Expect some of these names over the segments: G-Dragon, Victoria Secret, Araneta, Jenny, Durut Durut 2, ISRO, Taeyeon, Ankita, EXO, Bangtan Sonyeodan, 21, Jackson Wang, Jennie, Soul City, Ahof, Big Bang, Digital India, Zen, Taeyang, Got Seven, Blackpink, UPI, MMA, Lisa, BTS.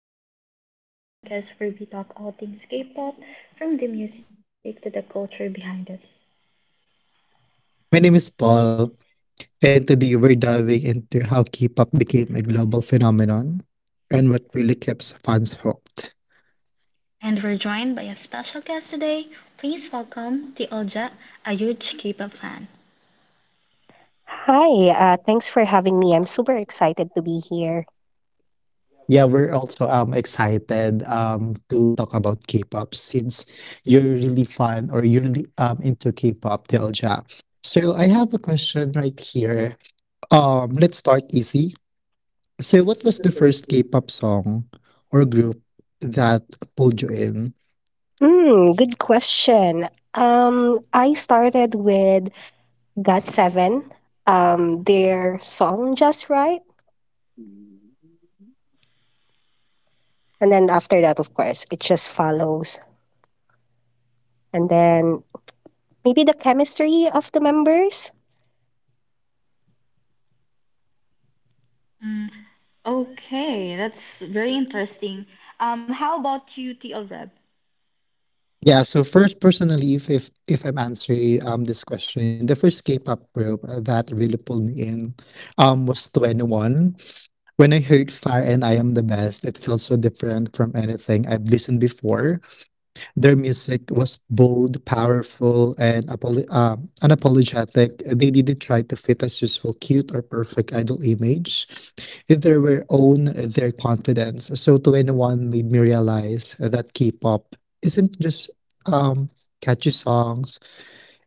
the Stage, the podcast where we talk all things K pop, from the music to the culture behind it. My name is Paul, and today we're diving into how K pop became a global phenomenon and what really keeps fans hooked. And we're joined by a special guest today. Please welcome Tiolja, a huge K pop fan. Hi, thanks for having me. I'm super excited to be here. Yeah, we're also excited to talk about K pop since you're really fan or you're really into K pop, Telja. So, I have a question right here. Let's start easy. So, what was the first K pop song or group that pulled you in? Hmm, good question. I started with Got Seven, their song Just Right. And then after that, of course, it just follows. And then maybe the chemistry of the members. Mm, okay, that's very interesting. How about you, TL Reb? Yeah, so first, personally, if I'm answering this question, the first K-pop group that really pulled me in was 21. When I heard Fire and I Am the Best, it felt so different from anything I've listened before. Their music was bold, powerful, and unapologetic. They didn't try to fit a useful, cute, or perfect idol image. They were own their confidence. So 21 made me realize that K-pop isn't just um, catchy songs.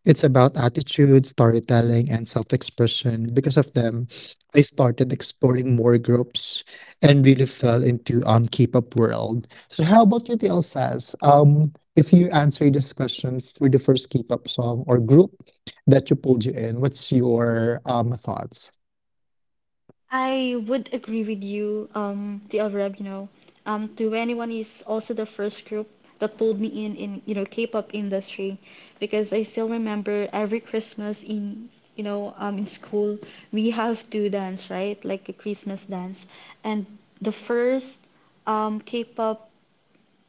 It's about attitude, storytelling, and self expression. Because of them, I started exploring more groups and really fell into K-pop world. So how about you, TL says? If you answer this question for the first K-pop song or group that you pulled you in, what's your thoughts? I would agree with you, the Arab, 21 is also the first group that pulled me in, K-pop industry because I still remember every Christmas in school, we have to dance, right? Like a Christmas dance. And the first K-pop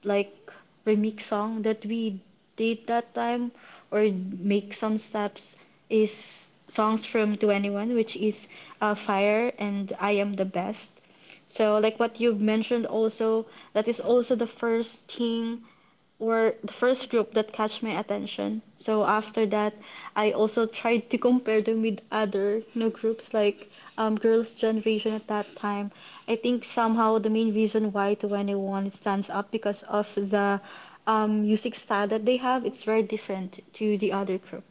like remix song that we did that time or make some steps is songs from 21, which is fire and I am the best. So like what you've mentioned also, that is also the first thing, were the first group that catch my attention. So after that, I also tried to compare them with other, groups like Girls' Generation at that time. I think somehow the main reason why 21 stands up because of the music style that they have. It's very different to the other group.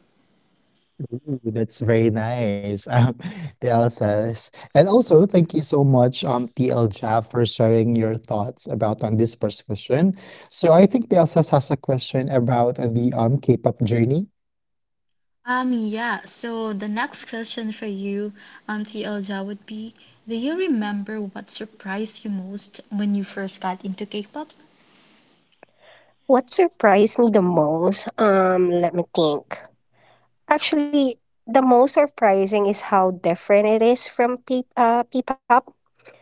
Ooh, that's very nice, TL says. And also, thank you so much, TL Jaff, for sharing your thoughts about on this first question. So I think TL says has a question about the K-pop journey. Yeah, so the next question for you, Auntie Elja, would be: do you remember what surprised you most when you first got into K pop? What surprised me the most? Let me think. Actually, the most surprising is how different it is from P-pop.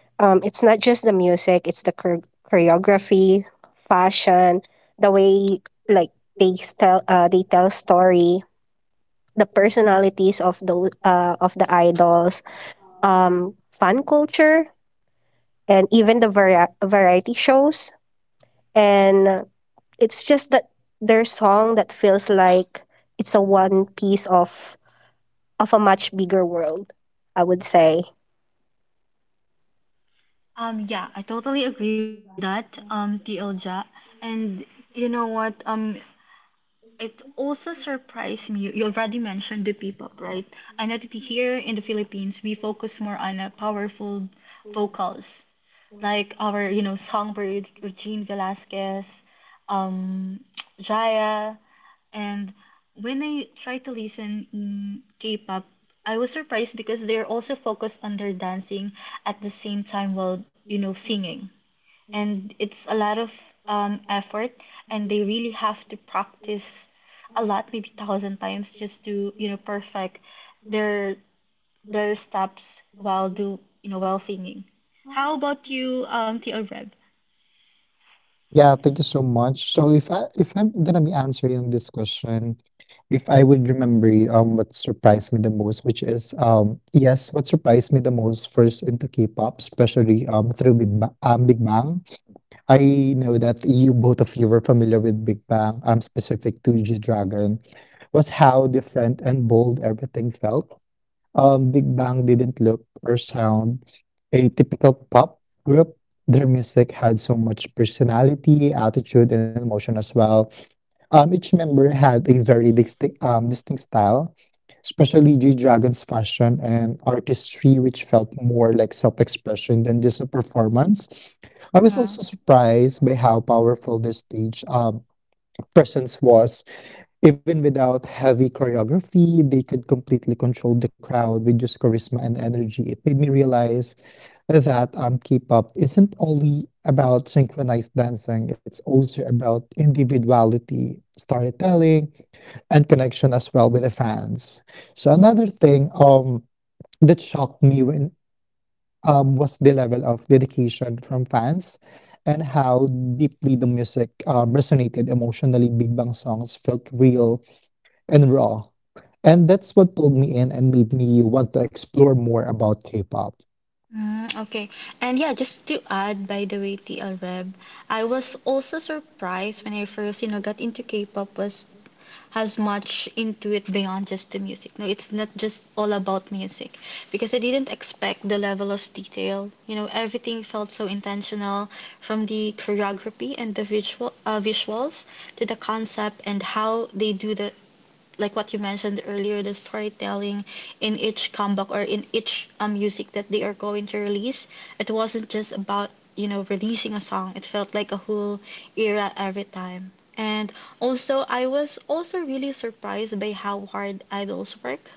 It's not just the music, it's the choreography, fashion, the way like they tell story, the personalities of the idols, fan culture, and even the variety shows. And it's just that their song that feels like it's a one piece of a much bigger world. I would say. Yeah, I totally agree with that, T L Tilja. And you know what? It also surprised me. You already mentioned the P-pop, right? I know that here in the Philippines, we focus more on powerful vocals, like our, Songbird, Regine Velasquez, um, Jaya. And when I try to listen in K-pop, I was surprised because they're also focused on their dancing at the same time while, singing, and it's a lot of effort, and they really have to practice a lot, maybe thousand times just to perfect their steps while do you know while singing. How about you, TL Reb? Yeah, thank you so much. So if I'm gonna be answering this question, if I would remember what surprised me the most, which is yes, what surprised me the most first into K-pop, especially through Big Bang. I know that you both of you were familiar with Big Bang, specific to G-Dragon, was how different and bold everything felt. Big Bang didn't look or sound a typical pop group. Their music had so much personality, attitude, and emotion as well. Each member had a very distinct style, especially G Dragon's fashion and artistry, which felt more like self expression than just a performance. I was Yeah. also surprised by how powerful their stage presence was even without heavy choreography, they could completely control the crowd with just charisma and energy. It made me realize that K-pop isn't only about synchronized dancing, it's also about individuality, storytelling, and connection as well with the fans. So another thing that shocked me when was the level of dedication from fans and how deeply the music resonated emotionally. Big Bang songs felt real and raw. And that's what pulled me in and made me want to explore more about K-pop. Mm, okay. And yeah, just to add, by the way, TL Reb, I was also surprised when I first, got into K-pop, was has much into it beyond just the music. No, it's not just all about music because I didn't expect the level of detail. You know, everything felt so intentional, from the choreography and the visuals to the concept and how they do the, like what you mentioned earlier, the storytelling in each comeback or in each music that they are going to release. It wasn't just about, releasing a song; it felt like a whole era every time. And also, I was also really surprised by how hard idols work,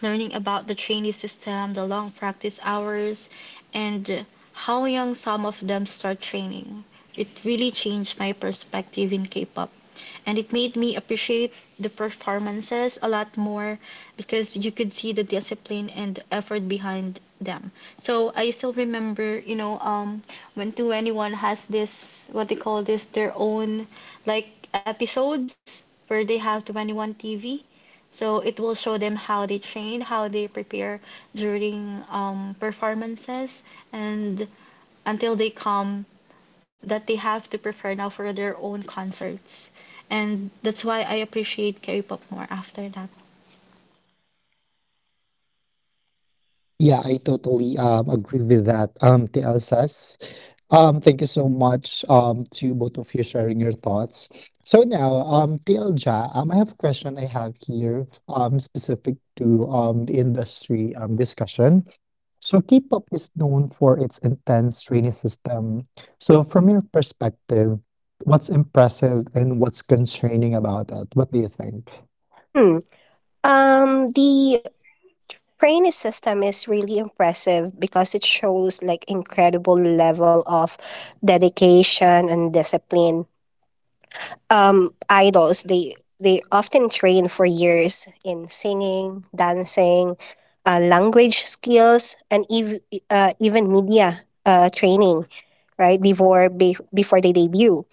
learning about the trainee system, the long practice hours, and how young some of them start training. It really changed my perspective in K pop. And it made me appreciate the performances a lot more because you could see the discipline and effort behind them. So I still remember, when 221 has this, what they call this, their own like episodes where they have 21 TV, so it will show them how they train, how they prepare during performances, and until they come that they have to prepare now for their own concerts. And that's why I appreciate K-pop more after that. Yeah, I totally agree with that, Tl Elsas. Thank you so much to both of you sharing your thoughts. So now, Te Elja, I have a question I have here specific to the industry discussion. So K-pop is known for its intense training system. So from your perspective, what's impressive and what's concerning about that? What do you think? Hmm. The training system is really impressive because it shows like incredible level of dedication and discipline. Idols they often train for years in singing, dancing, language skills, and even media training, right? Before they debut,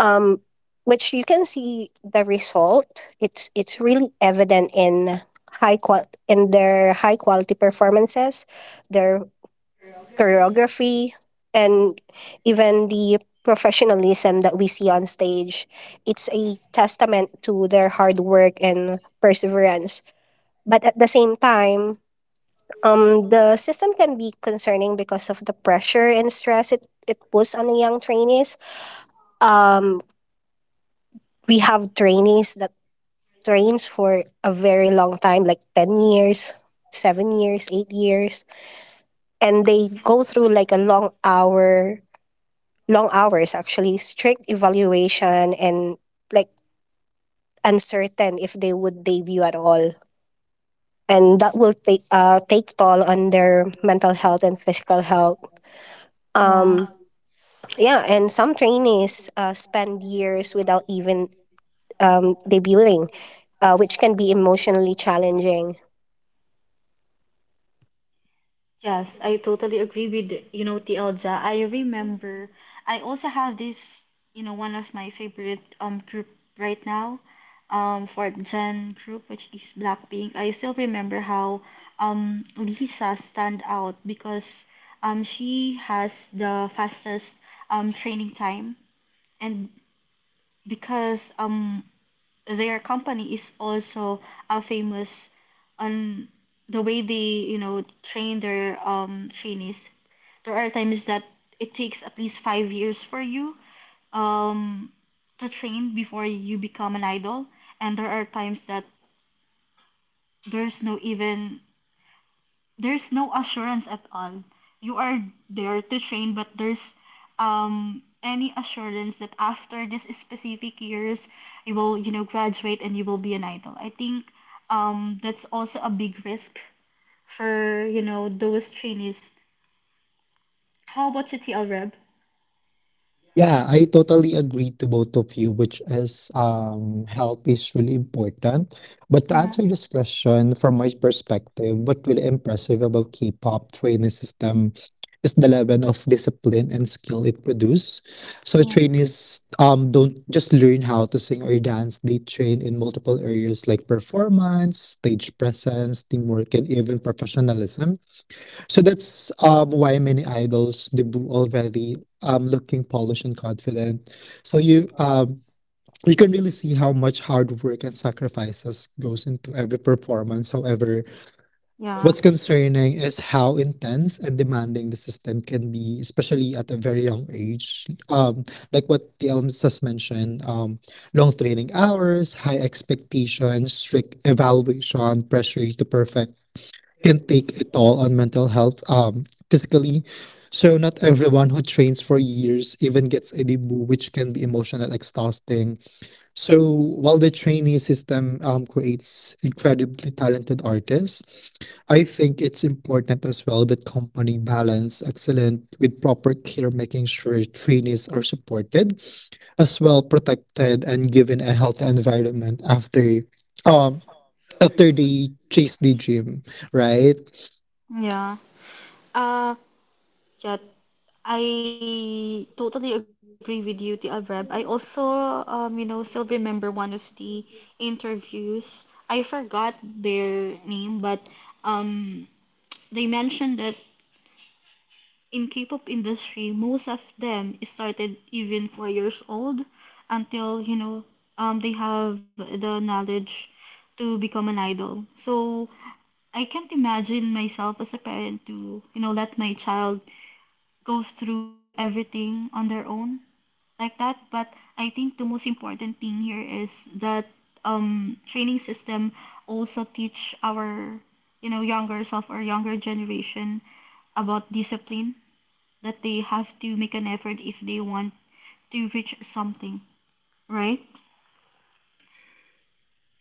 um, which you can see the result. It's really evident in high qual in their high quality performances, their choreography, and even the professionalism that we see on stage. It's a testament to their hard work and perseverance. But at the same time, the system can be concerning because of the pressure and stress it puts on the young trainees. Um, we have trainees that trains for a very long time, like 10 years, 7 years, 8 years. And they go through like long hours actually, strict evaluation and like uncertain if they would debut at all. And that will take toll on their mental health and physical health. Yeah. Um, yeah, and some trainees spend years without even debuting, which can be emotionally challenging. Yes, I totally agree with Tielja. I remember I also have this, one of my favorite group right now, fourth gen group, which is Blackpink. I still remember how Lisa stand out because she has the fastest training time, and because their company is also famous on the way they train their trainees. There are times that it takes at least five years for you um to train before you become an idol, and there are times that there's no even there's no assurance at all. You are there to train, but there's any assurance that after this specific years, you will graduate and you will be an idol. I think that's also a big risk for those trainees. How about you, TL Reb? Yeah, I totally agree to both of you, which is health is really important. But to answer Mm, this question from my perspective, what really impressive about K-pop training system is the level of discipline and skill it produce. So mm. trainees don't just learn how to sing or dance; they train in multiple areas like performance, stage presence, teamwork, and even professionalism. So that's why many idols debut already looking polished and confident. So you you can really see how much hard work and sacrifices goes into every performance. However, Yeah, what's concerning is how intense and demanding the system can be, especially at a very young age. Like what the elements has mentioned, long training hours, high expectations, strict evaluation, pressure to perfect can take a toll on mental health physically. So, not everyone who trains for years even gets a debut, which can be emotional exhausting. So, while the trainee system creates incredibly talented artists, I think it's important as well that company balance excellent with proper care, making sure trainees are supported, as well protected, and given a healthy environment um after they chase the dream, right? yeah. Uh, Yeah, I totally agree with you, Tia Reb. I also, still remember one of the interviews. I forgot their name, but um, they mentioned that in K-pop industry, most of them started even four years old until they have the knowledge to become an idol. So I can't imagine myself as a parent to let my child go through everything on their own like that, but I think the most important thing here is that training system also teach our, younger self or younger generation about discipline, that they have to make an effort if they want to reach something, right?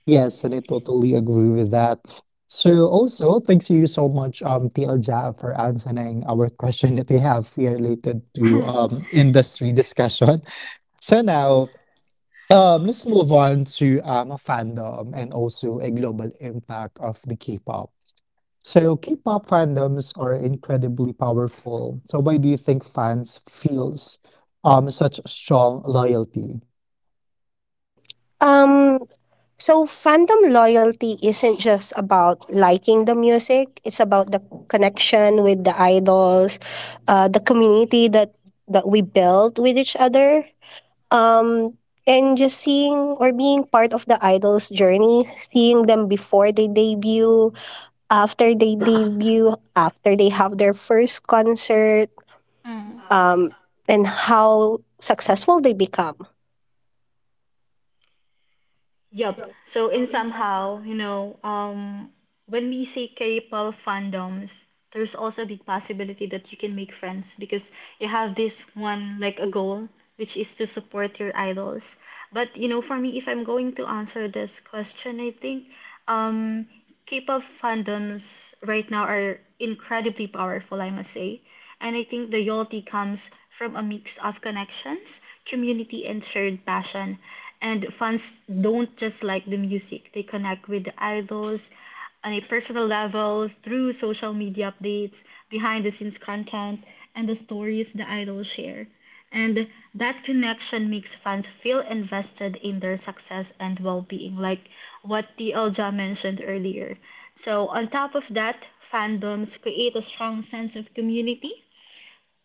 Yes, and I totally agree with that. So also, thank you so much, TLJ, for answering our question that we have here related to industry discussion. So now, let's move on to a fandom and also a global impact of the K-pop. So K-pop fandoms are incredibly powerful. So why do you think fans feels such strong loyalty? Mm. Um, So fandom loyalty isn't just about liking the music, it's about the connection with the idols, the community that we build with each other. Um and just seeing or being part of the idol's journey, seeing them before they debut, after they debut, after they have their first concert, Mm. um, and how successful they become. Yup. So in somehow, when we say K-pop fandoms, there's also a big possibility that you can make friends because you have this one like a goal, which is to support your idols. But you know, for me, if I'm going to answer this question, I think um, K-pop fandoms right now are incredibly powerful, I must say. And I think the loyalty comes from a mix of connections, community, and shared passion. And fans don't just like the music; they connect with the idols on a personal level through social media updates, behind the scenes content, and the stories the idols share. And that connection makes fans feel invested in their success and well being, like what TLJ mentioned earlier. So, on top of that, fandoms create a strong sense of community,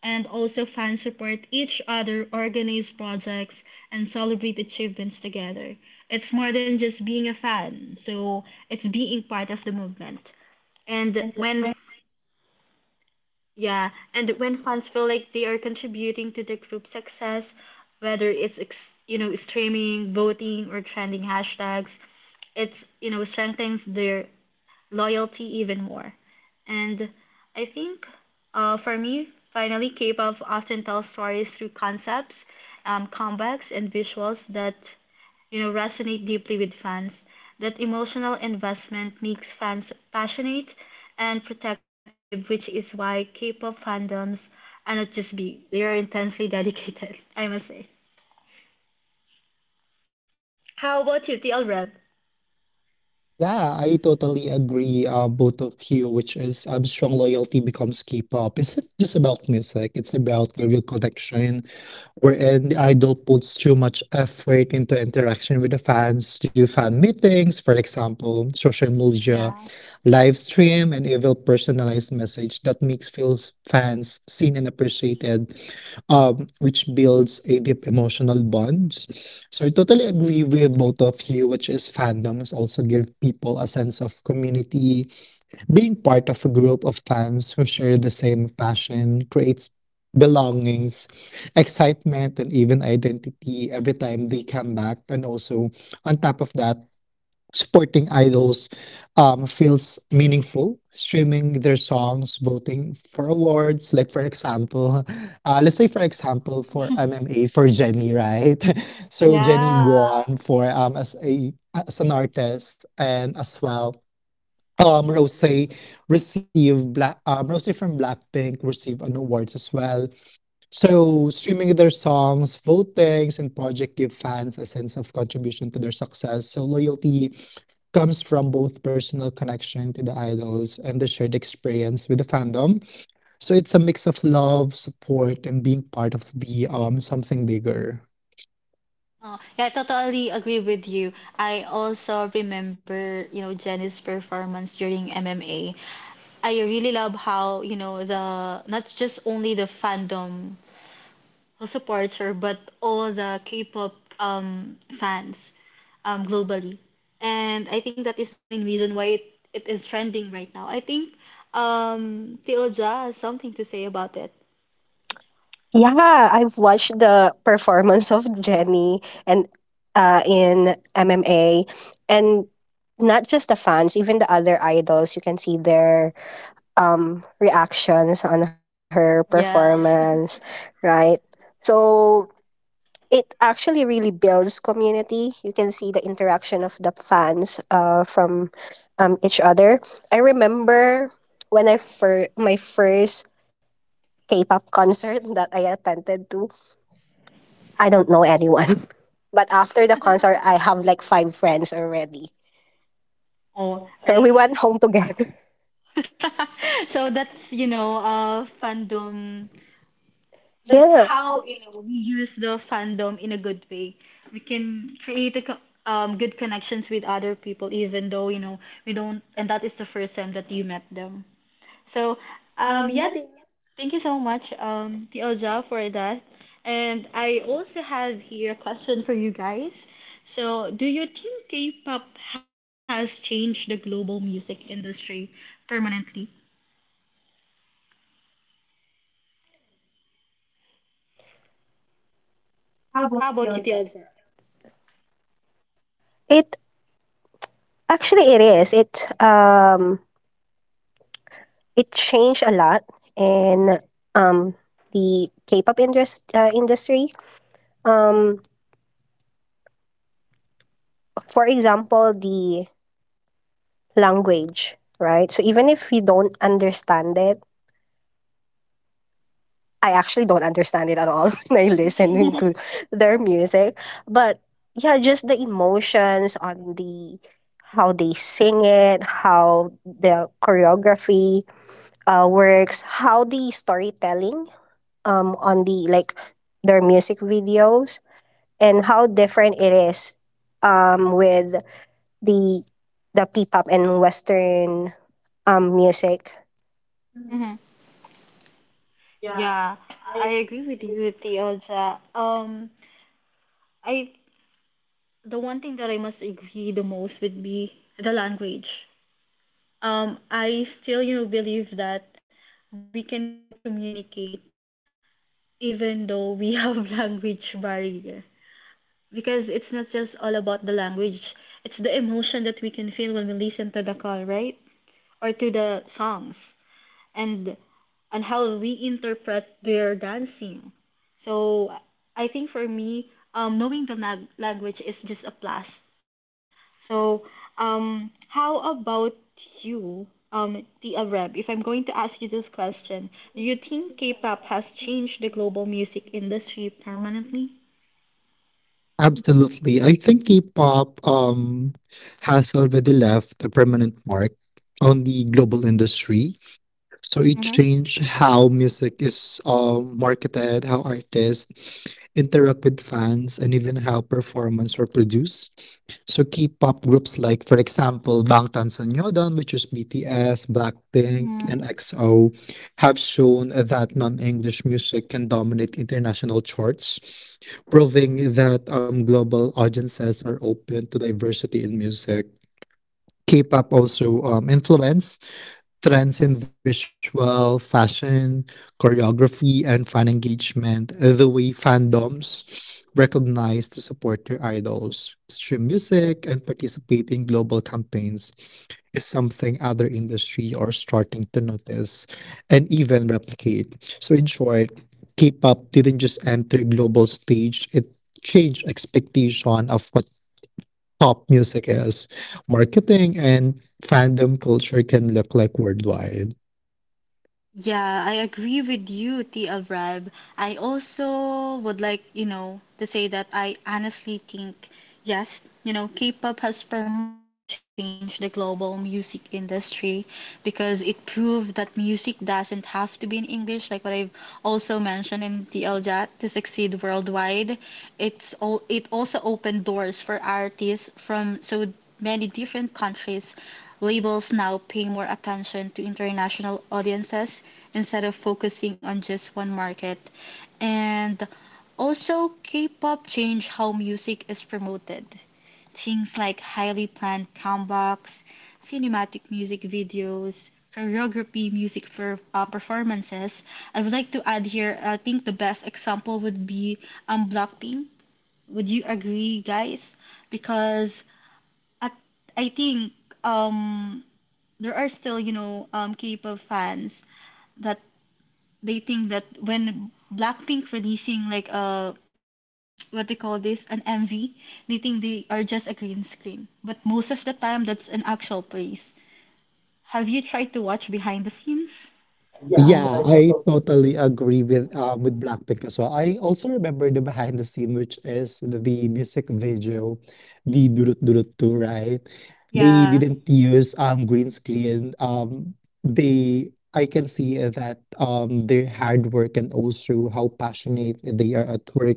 and also fans support each other, organize projects, and celebrate achievements together. It's more than just being a fan, so it's being part of the movement. And when, yeah, and when fans feel like they are contributing to the group's success, whether it's streaming, voting, or trending hashtags, it's strengthens their loyalty even more. And I think, for me, finally, K pop often tells stories through concepts, comebacks, and visuals that resonate deeply with fans. That emotional investment makes fans passionate and protective, which is why K pop fandoms are not just big, they are intensely dedicated, I must say. How about you, TL Reb? Yeah, I totally agree, both of you, which is strong loyalty becomes K-pop. It's not just about music, it's about the real connection, wherein the idol puts too much effort into interaction with the fans, do fan meetings, for example, social media, Yeah. live stream, and even personalized message that makes feels fans seen and appreciated which builds a deep emotional bonds. So I totally agree with both of you, which is fandoms also give people a sense of community. Being part of a group of fans who share the same passion creates belongings, excitement, and even identity every time they come back. And also, on top of that, supporting idols feels meaningful. Streaming their songs, voting for awards, like for example, let's say for example for MMA for Jenny, right? So Jenny Yeah. won for as a as an artist and as well. Rose received Black Rose from Blackpink received an award as well. So streaming their songs, votings, and project give fans a sense of contribution to their success. So loyalty comes from both personal connection to the idols and the shared experience with the fandom. So it's a mix of love, support, and being part of the something bigger. Oh, yeah, I totally agree with you. I also remember, Jenny's performance during MMA. I really love how, the not just only the fandom who supports her, but all the K-pop fans globally. And I think that is the main reason why it is trending right now. I think Teo Ja has something to say about it. Yeah, I've watched the performance of Jenny and in MMA, and not just the fans, even the other idols. You can see their reactions on her Yeah. performance, right? So it actually really builds community. You can see the interaction of the fans from each other. I remember when my first K-pop concert that I attended to. I don't know anyone. But after the concert, I have like five friends already. Oh, So we right. went home together. So that's fandom. That's Yeah. how, we use the fandom in a good way. We can create good connections with other people, even though, we don't, and that is the first time that you met them. So um yeah th- thank you so much, Tielja, for that. And I also have here a question for you guys. So do you think K-pop has changed the global music industry permanently? How about you, Tiaja? It actually it is. It changed a lot in um the K-pop industry. Um for example, the language, right? So even if you don't understand it, I actually don't understand it at all when I listen to their music. But yeah, just the emotions on the how they sing it, how the choreography works, how the storytelling on the like their music videos, and how different it is with the the P-pop and Western music. Mm-hmm. Yeah, I agree with you, Tiaja. I the one thing that I must agree the most would be the language. I still believe that we can still communicate even though we have language barrier, because it's not just all about the language. It's the emotion that we can feel when we listen to the call, right? Or to the songs, and on how we interpret their dancing. So I think for me, knowing the language is just a plus. So how about you, Tia Reb? If I'm going to ask you this question, do you think K-pop has changed the global music industry permanently? Absolutely. I think K-pop has already left a permanent mark on the global industry. So it changed how music is marketed, how artists interact with fans, and even how performances were produced. So K-pop groups like, for example, Bangtan Sonyeodan, which is BTS, Blackpink, and Mm-hmm. EXO, have shown that non-English music can dominate international charts, proving that global audiences are open to diversity in music. K-pop also influenced trends in visual, fashion, choreography, and fan engagement, the way fandoms recognize to support their idols, stream music, and participate in global campaigns is something other industry are starting to notice and even replicate. So in short, K-pop didn't just enter global stage, it changed expectation of what pop music is, marketing, and fandom culture can look like worldwide. Yeah, I agree with you, T. L Rab. I also would like, to say that I honestly think, yes, K-pop has permanently changed the global music industry because it proved that music doesn't have to be in English, like what I've also mentioned in the LJAT, to succeed worldwide. It also opened doors for artists from so many different countries' labels now pay more attention to international audiences instead of focusing on just one market. And also, K-pop changed how music is promoted. Things like highly planned comebacks, cinematic music videos, choreography music for performances. I would like to add here, I think the best example would be Blackpink. Would you agree, guys? Because I, I think um, there are still, K-pop fans that they think that when Blackpink releasing like a what they call this an MV, they think they are just a green screen. But most of the time, that's an actual place. Have you tried to watch behind the scenes? Yeah, I totally agree with Blackpink as well. I also remember the behind the scene, which is the music video, the Durut Durut 2, right? They Yeah. didn't use green screen. They I can see that their hard work and also how passionate they are at work.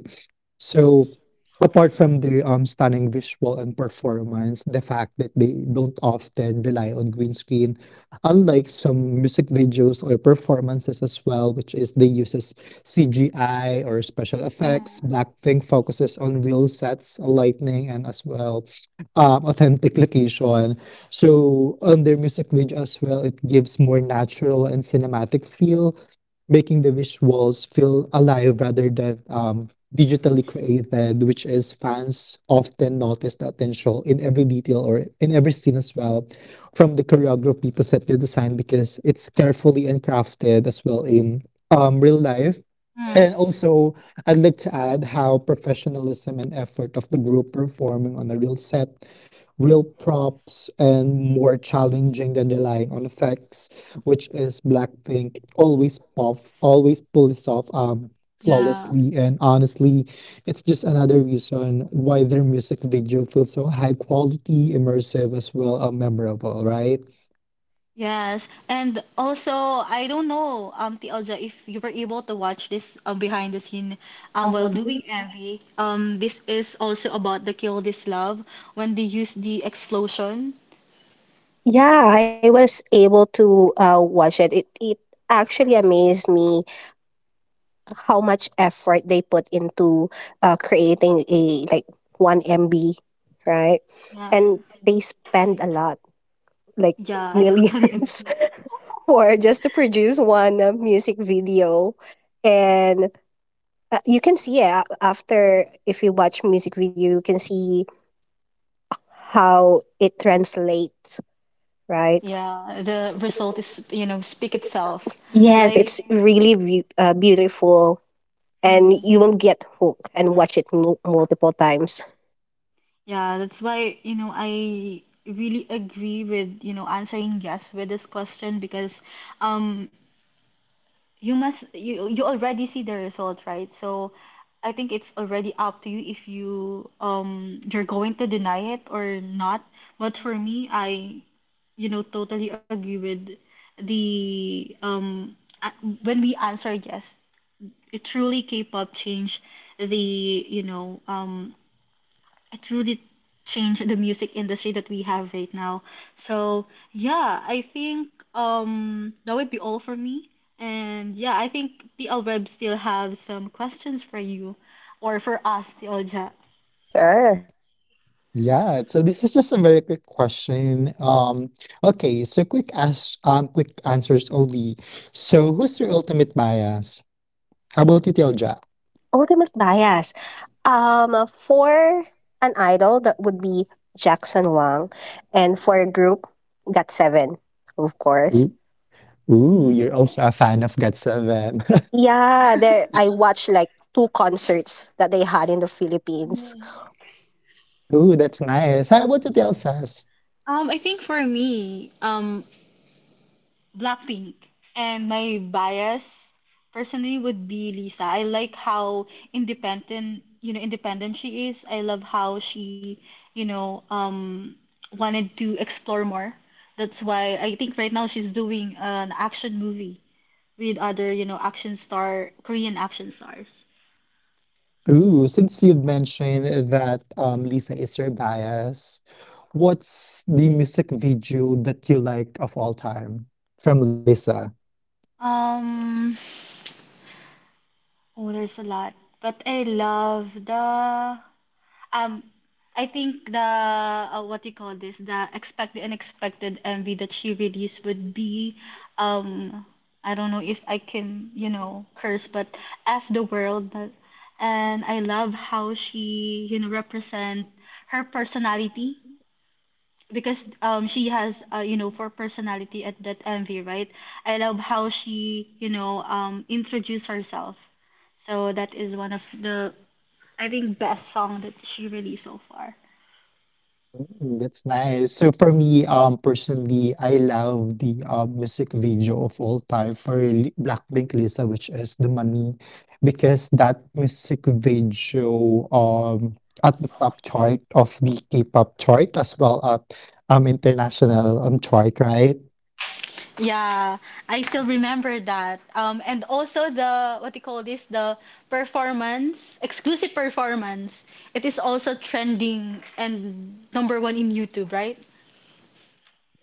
So apart from their stunning visual and performance, the fact that they don't often rely on green screen unlike some music videos or performances as well, which is they uses CGI or special effects, Mhm. Blackpink focuses on real sets, lighting, and as well authentic location. So on their music video as well, it gives more natural and cinematic feel making the visuals feel alive rather than digitally created, which is fans often notice the potential in every detail or in every scene as well, from the choreography to set the design because it's carefully and crafted as well in real life and Mm. also, I'd like to add how professionalism and effort of the group performing on a real set, real props, and more challenging than relying on effects, which is Blackpink always pull this off Yeah. flawlessly. And honestly, it's just another reason why their music video feels so high quality, immersive, as well, memorable, right? Yes, and also I don't know, Tielja, if you were able to watch this behind the scene while doing Envy. This is also about the Kill This Love when they use the explosion. Yeah, I was able to watch it. It actually amazed me how much effort they put into creating a like one MB, right? Yeah, And they spend a lot, like yeah, I totally millions, agree. for just to produce one music video, and you can see it after if you watch music video, you can see how it translates, right? Yeah, the result is speak itself. Yes, Like, it's really beautiful, and you mm, will get hooked and watch it multiple times. yeah, that's why I really agree with answering yes with this question, because um you must you already see the result, right? So I think it's already up to you if you you're going to deny it or not. But for me, I totally agree with the um when we answer yes, it truly K-pop changed the you know it really changed the music industry that we have right now. So yeah, I think that would be all for me. And yeah, I think the L Web still have some questions for you or for us, the Olja. Sure. Yeah, so this is just a very quick question. Okay, so quick ask, quick answers only. So who's your ultimate bias? How about you, Tilja? Ultimate bias. For an idol, that would be Jackson Wang, and for a group, Got Seven, of Ooh, course. ooh, Yeah. you're also a fan of God 7. Yeah, there I watched like two concerts that they had in the Philippines. Ooh, that's nice. How about you, Telsas? I think for me, Blackpink. And my bias personally would be Lisa. I like how independent, independent she is. I love how she, you know, um wanted to explore more. That's why I think right now she's doing an action movie with other, action star, Korean action stars. Ooh, since you've mentioned that Lisa is your bias, what's the music video that you like of all time from Lisa? Um Oh, there's a lot. But I love the um I think the what you call this, the expected unexpected MV that she released would be um I don't know if I can curse, but F the World, and I love how she represent her personality, because she has you know for personality at that MV, right? I love how she introduced herself. So that is one of the, I think, best song that she released so far. Mm, that's nice. So for me, personally, I love the music video of all time for Li- Blackpink Lisa, which is The Money, because that music video at the top chart of the K-pop chart as well as international chart, right? Yeah, I still remember that, and also the, what do you call this, the performance, exclusive performance, it is also trending and number one in YouTube, right?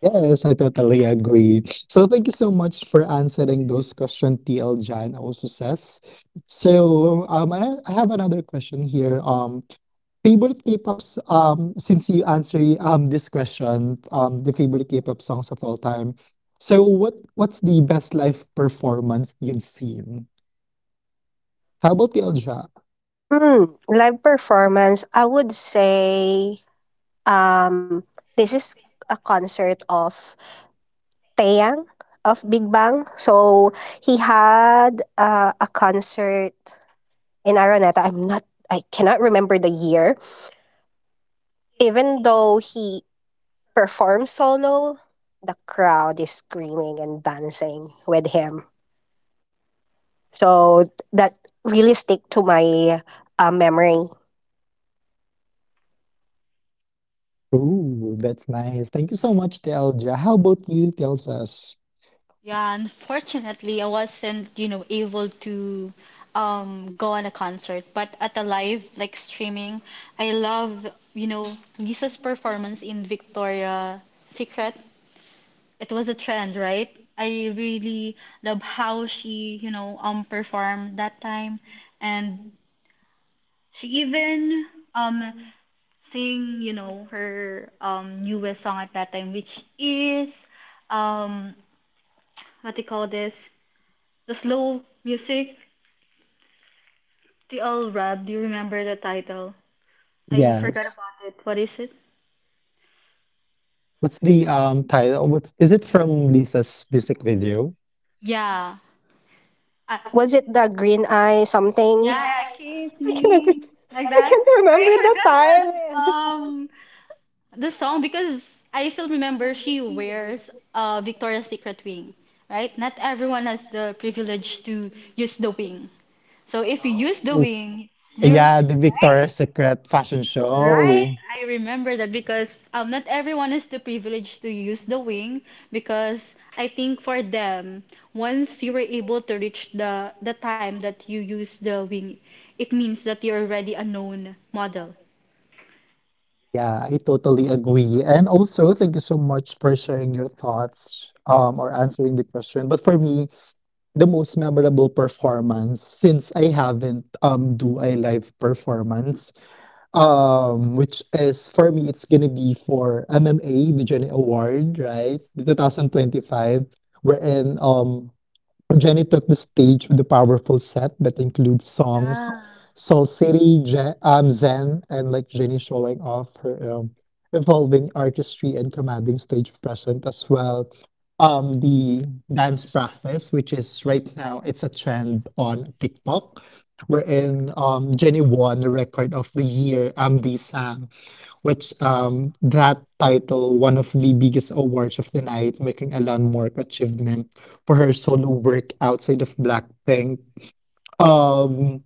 Yes, I totally agree. So thank you so much for answering those questions, TL Jan also says. So um, I have another question here. Favorite K-pops, since you answer this question, the favorite K-pop songs of all time. So what's the best live performance you've seen? How about the Elja? Live performance. I would say um, this is a concert of Taeyang of Big Bang. So he had a concert in Araneta. I cannot remember the year. Even though he performs solo, the crowd is screaming and dancing with him. So that really stick to my memory. Oh, that's nice. Thank you so much, Telja. How about you tells? Yeah, unfortunately, I wasn't, able to go on a concert, but at a live like streaming, I love, you know, Lisa's performance in Victoria Secret. It was a trend, right? I really love how she, performed that time, and she even um sang, her newest song at that time, which is um what do you call this? The slow music, the old rap. Do you remember the title? I forgot Yes. about it. What is it? What's the title? What's is it from Lisa's music video? Yeah. I, Was it the green eye something? yeah, yeah, kiss me like I that. can't I remember the forgot that title. The song, because I still remember she wears Victoria's Secret wing, right? Not everyone has the privilege to use the wing. So if you use the Ooh. wing, you're Yeah, the Victoria's Secret fashion Right, show. I remember that, because not everyone is the privilege to use the wing, because I think for them once you were able to reach the time that you use the wing, it means that you're already a known model. Yeah, I totally agree. And also, thank you so much for sharing your thoughts, or answering the question. But for me, the most memorable performance, since I haven't do a live performance, which is for me, it's gonna be for MMA, the Journey Award, right? The 2025, wherein Jenny took the stage with a powerful set that includes songs Soul City, Zen, and Like Jenny, showing off her, evolving artistry and commanding stage presence as well. The dance practice, which is right now, it's a trend on TikTok, wherein Jenny won the record of the year. The which That title one of the biggest awards of the night, making a landmark achievement for her solo work outside of Blackpink. Um,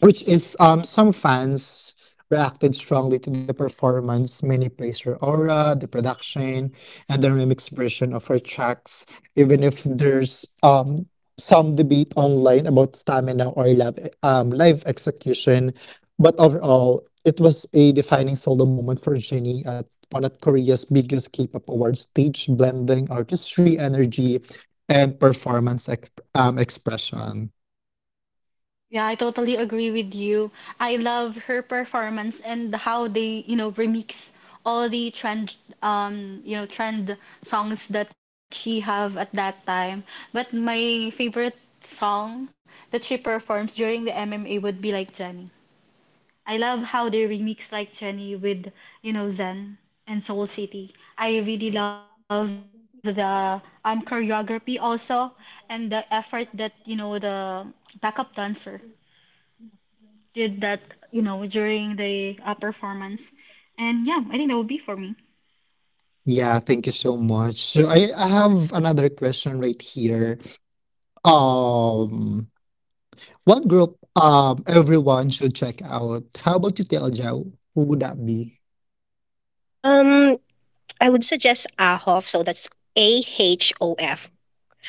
which is some fans reacted strongly to the performance. Many praised her aura, the production, and the remix version of her tracks, even if there's some debate online about stamina or live, live execution. But overall, it was a defining solo moment for Jennie at one of Korea's biggest K-pop awards stage, blending artistry, energy, and performance expression. Yeah, I totally agree with you. I love her performance and how they, remix all the trend, trend songs that she have at that time. But my favorite song that she performs during the MMA would be Like Jenny. I love how they remix Like Jenny with, Zen and Soul City. I really love the choreography also, and the effort that, the backup dancer did that, during the performance. And yeah, I think that would be for me. Yeah, thank you so much. So I have another question right here. Um, what group everyone should check out? How about you tell Joe? Who would that be? Um, I would suggest Ahof. So that's AHOF.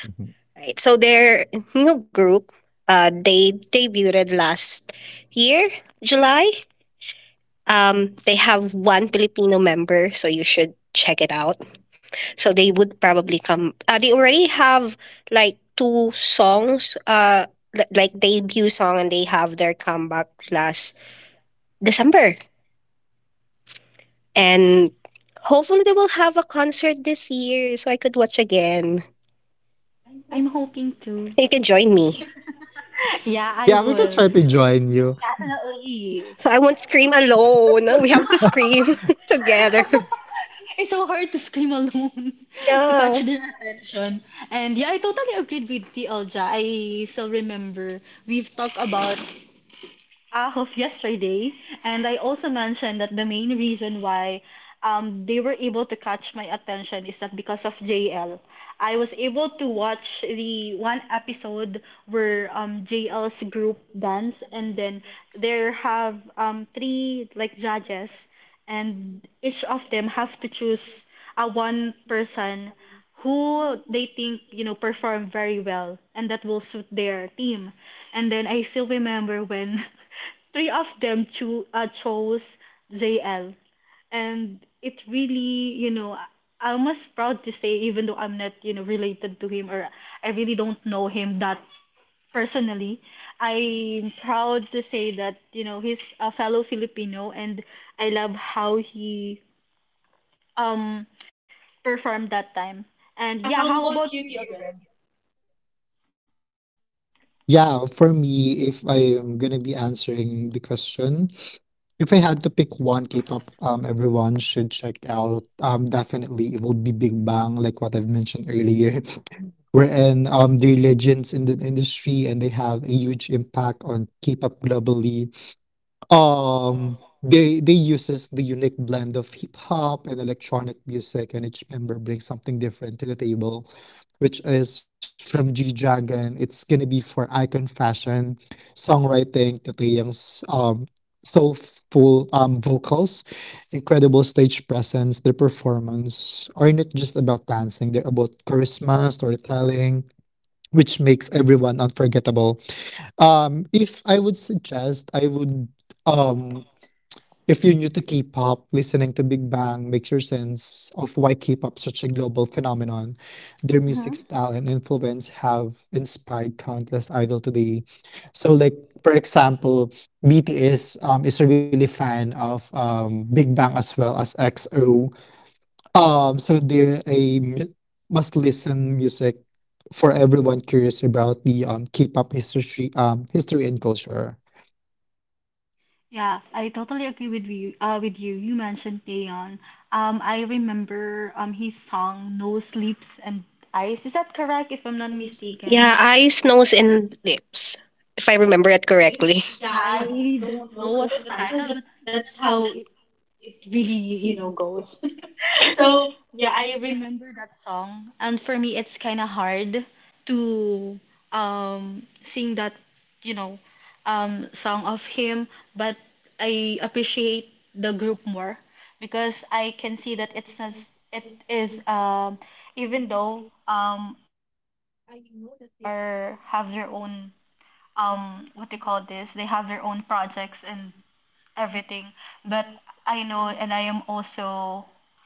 Mhm. Right. So their new group, they debuted last year, July. They have one Filipino member, so you should check it out. So they would probably come. They already have like two songs. Like debut song, and they have their comeback last December. And hopefully they will have a concert this year, so I could watch again. I'm hoping to. You can join me. Yeah, I Yeah, we can will. try to join you. Definitely. So I won't scream Um, alone. We have to scream together. it's so hard to scream alone to catch Yeah. their attention. And yeah, I totally agreed with TL Ja. I still remember we've talked about of yesterday, and I also mentioned that the main reason why they were able to catch my attention is that because of J. L. I was able to watch the one episode where J. L.'s group dance, and then there have three like judges, and each of them have to choose a one person who they think perform very well and that will suit their team. And then I still remember when three of them chose JL, and it really I- am almost proud to say, even though I'm not related to him, or I really don't know him that personally, I'm proud to say that he's a fellow Filipino, and I love how he um perform that time. And yeah, how about you, Tio Yeah, for me, if I am gonna be answering the question, if I had to pick one K-pop everyone should check out, um, definitely it would be Big Bang, like what I've mentioned earlier. Wherein they're legends in the industry and they have a huge impact on K-pop globally. They uses the unique blend of hip hop and electronic music, and each member brings something different to the table, which is from G Dragon. It's gonna be for icon fashion, songwriting, Taeyang's soulful vocals, incredible stage presence. Their performance are not just about dancing, they're about charisma, storytelling, which makes everyone unforgettable. If I would suggest, I would, um, if you're new to K-pop, listening to Big Bang makes your sense of why K-pop is such a global phenomenon. Their Mm-hmm. music style and influence have inspired countless idol today. So, like, for example, BTS is a really fan of, Big Bang as well as XO. So they're a must-listen music for everyone curious about the K-pop history, history and culture. Yeah, I totally agree with you. With you, you mentioned Taeyeon. I remember his song "No Sleeps and Ice. Is that correct? If I'm not Yeah, mistaken. eyes, nose, and lips, if I Yes. remember it correctly. Yeah, I really don't know what's the title, but that's how it really goes. So yeah, I remember that song, and for me, it's kind of hard to um sing that, you know, song of him. But I appreciate the group more, because I can see that it's as it is, even though I know that they are have their own what they call this, they have their own projects and everything. But I know, and I am also,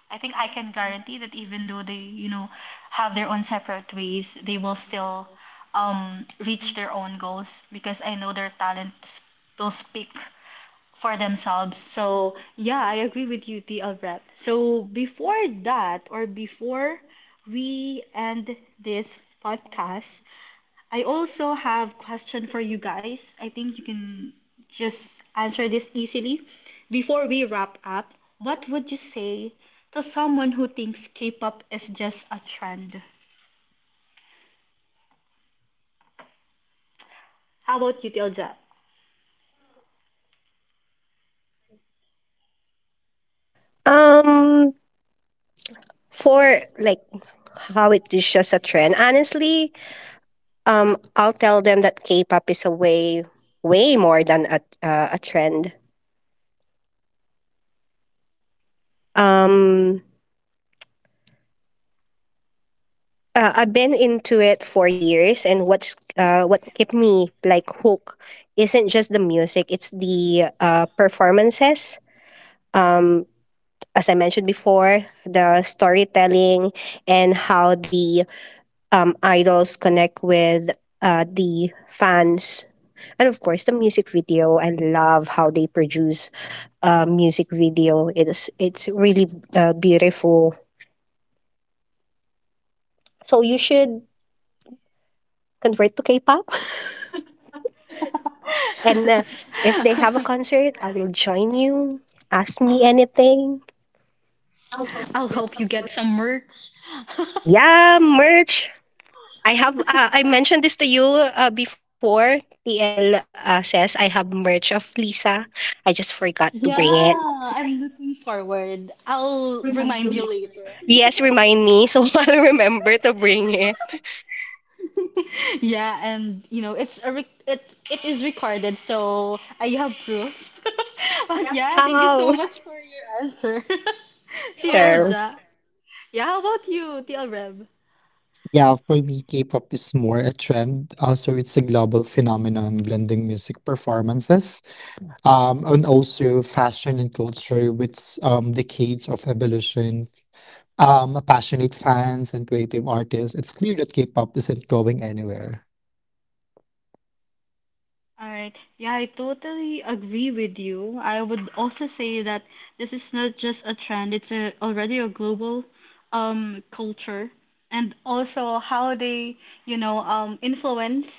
I think I can guarantee that even though they, have their own separate ways, they will still reach their own goals, because I know their talents will speak for themselves. So, yeah, I agree with you, TL Rep. So, before that, or before we end this podcast, I also have question for you guys. I think you can just answer this easily. Before we wrap up, what would you say to someone who thinks K-pop is just a trend? How about you, Tilja? Um, for like how it is just a trend, honestly, I'll tell them that K-pop is a way, way more than a trend. Um, I've been into it for years, and what kept me like hooked isn't just the music; it's the performances, um, as I mentioned before, the storytelling and how the idols connect with the fans. And of course, the music video. I love how they produce a music video. It's really beautiful. So you should convert to K-pop. And if they have a concert, I will join you. Ask me anything. I'll help you get some merch. Yeah, merch. I have, uh, I mentioned this to you before. TL says I have merch of Lisa. I just forgot to bring it. Yeah, I'm looking forward. I'll remind you later. Yes, remind me. So I'll remember to bring it. Yeah, and you know, it it is recorded, so I have proof. But yeah, thank you so Oh, much for your answer, TL sure. Ja. Yeah, how about you, TL Reb? Yeah, for me, K-pop is more a trend. Also, it's a global phenomenon blending music performances, and also fashion and culture with, decades of evolution. Passionate fans and creative artists, it's clear that K-pop isn't going anywhere. All right. Yeah, I totally agree with you. I would also say that this is not just a trend, it's a, already a global culture, and also how they, influence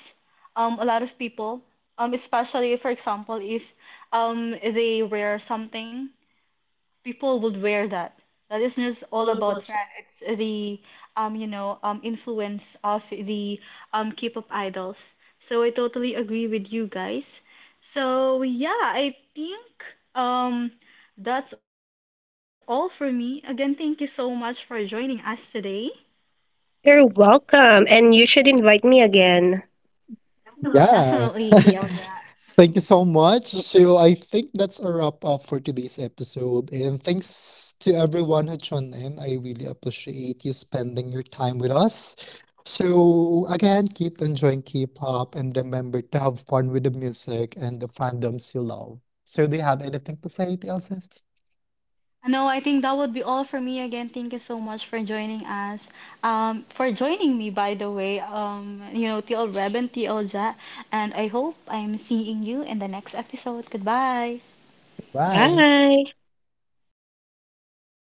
a lot of people. Especially for example, if they wear something, people would wear that. That isn't just all about trend. It's the influence of the K-pop idols. So I totally agree with you guys. So yeah, I think um that's all for me. Again, thank you so much for joining us today. You're welcome. And you should invite me again. Definitely, Yeah. TLJ. Thank you so much. So I think that's a wrap up for today's episode. And thanks to everyone who tuned in. I really appreciate you spending your time with us. So again, keep enjoying K-pop and remember to have fun with the music and the fandoms you love. So do you have anything to say, Elsa? No, I think that would be all for me. Again, thank you so much for joining us. For joining me, by the way, TL Reb and TL Ja. And I hope I'm seeing you in the next episode. Goodbye. Bye. Bye.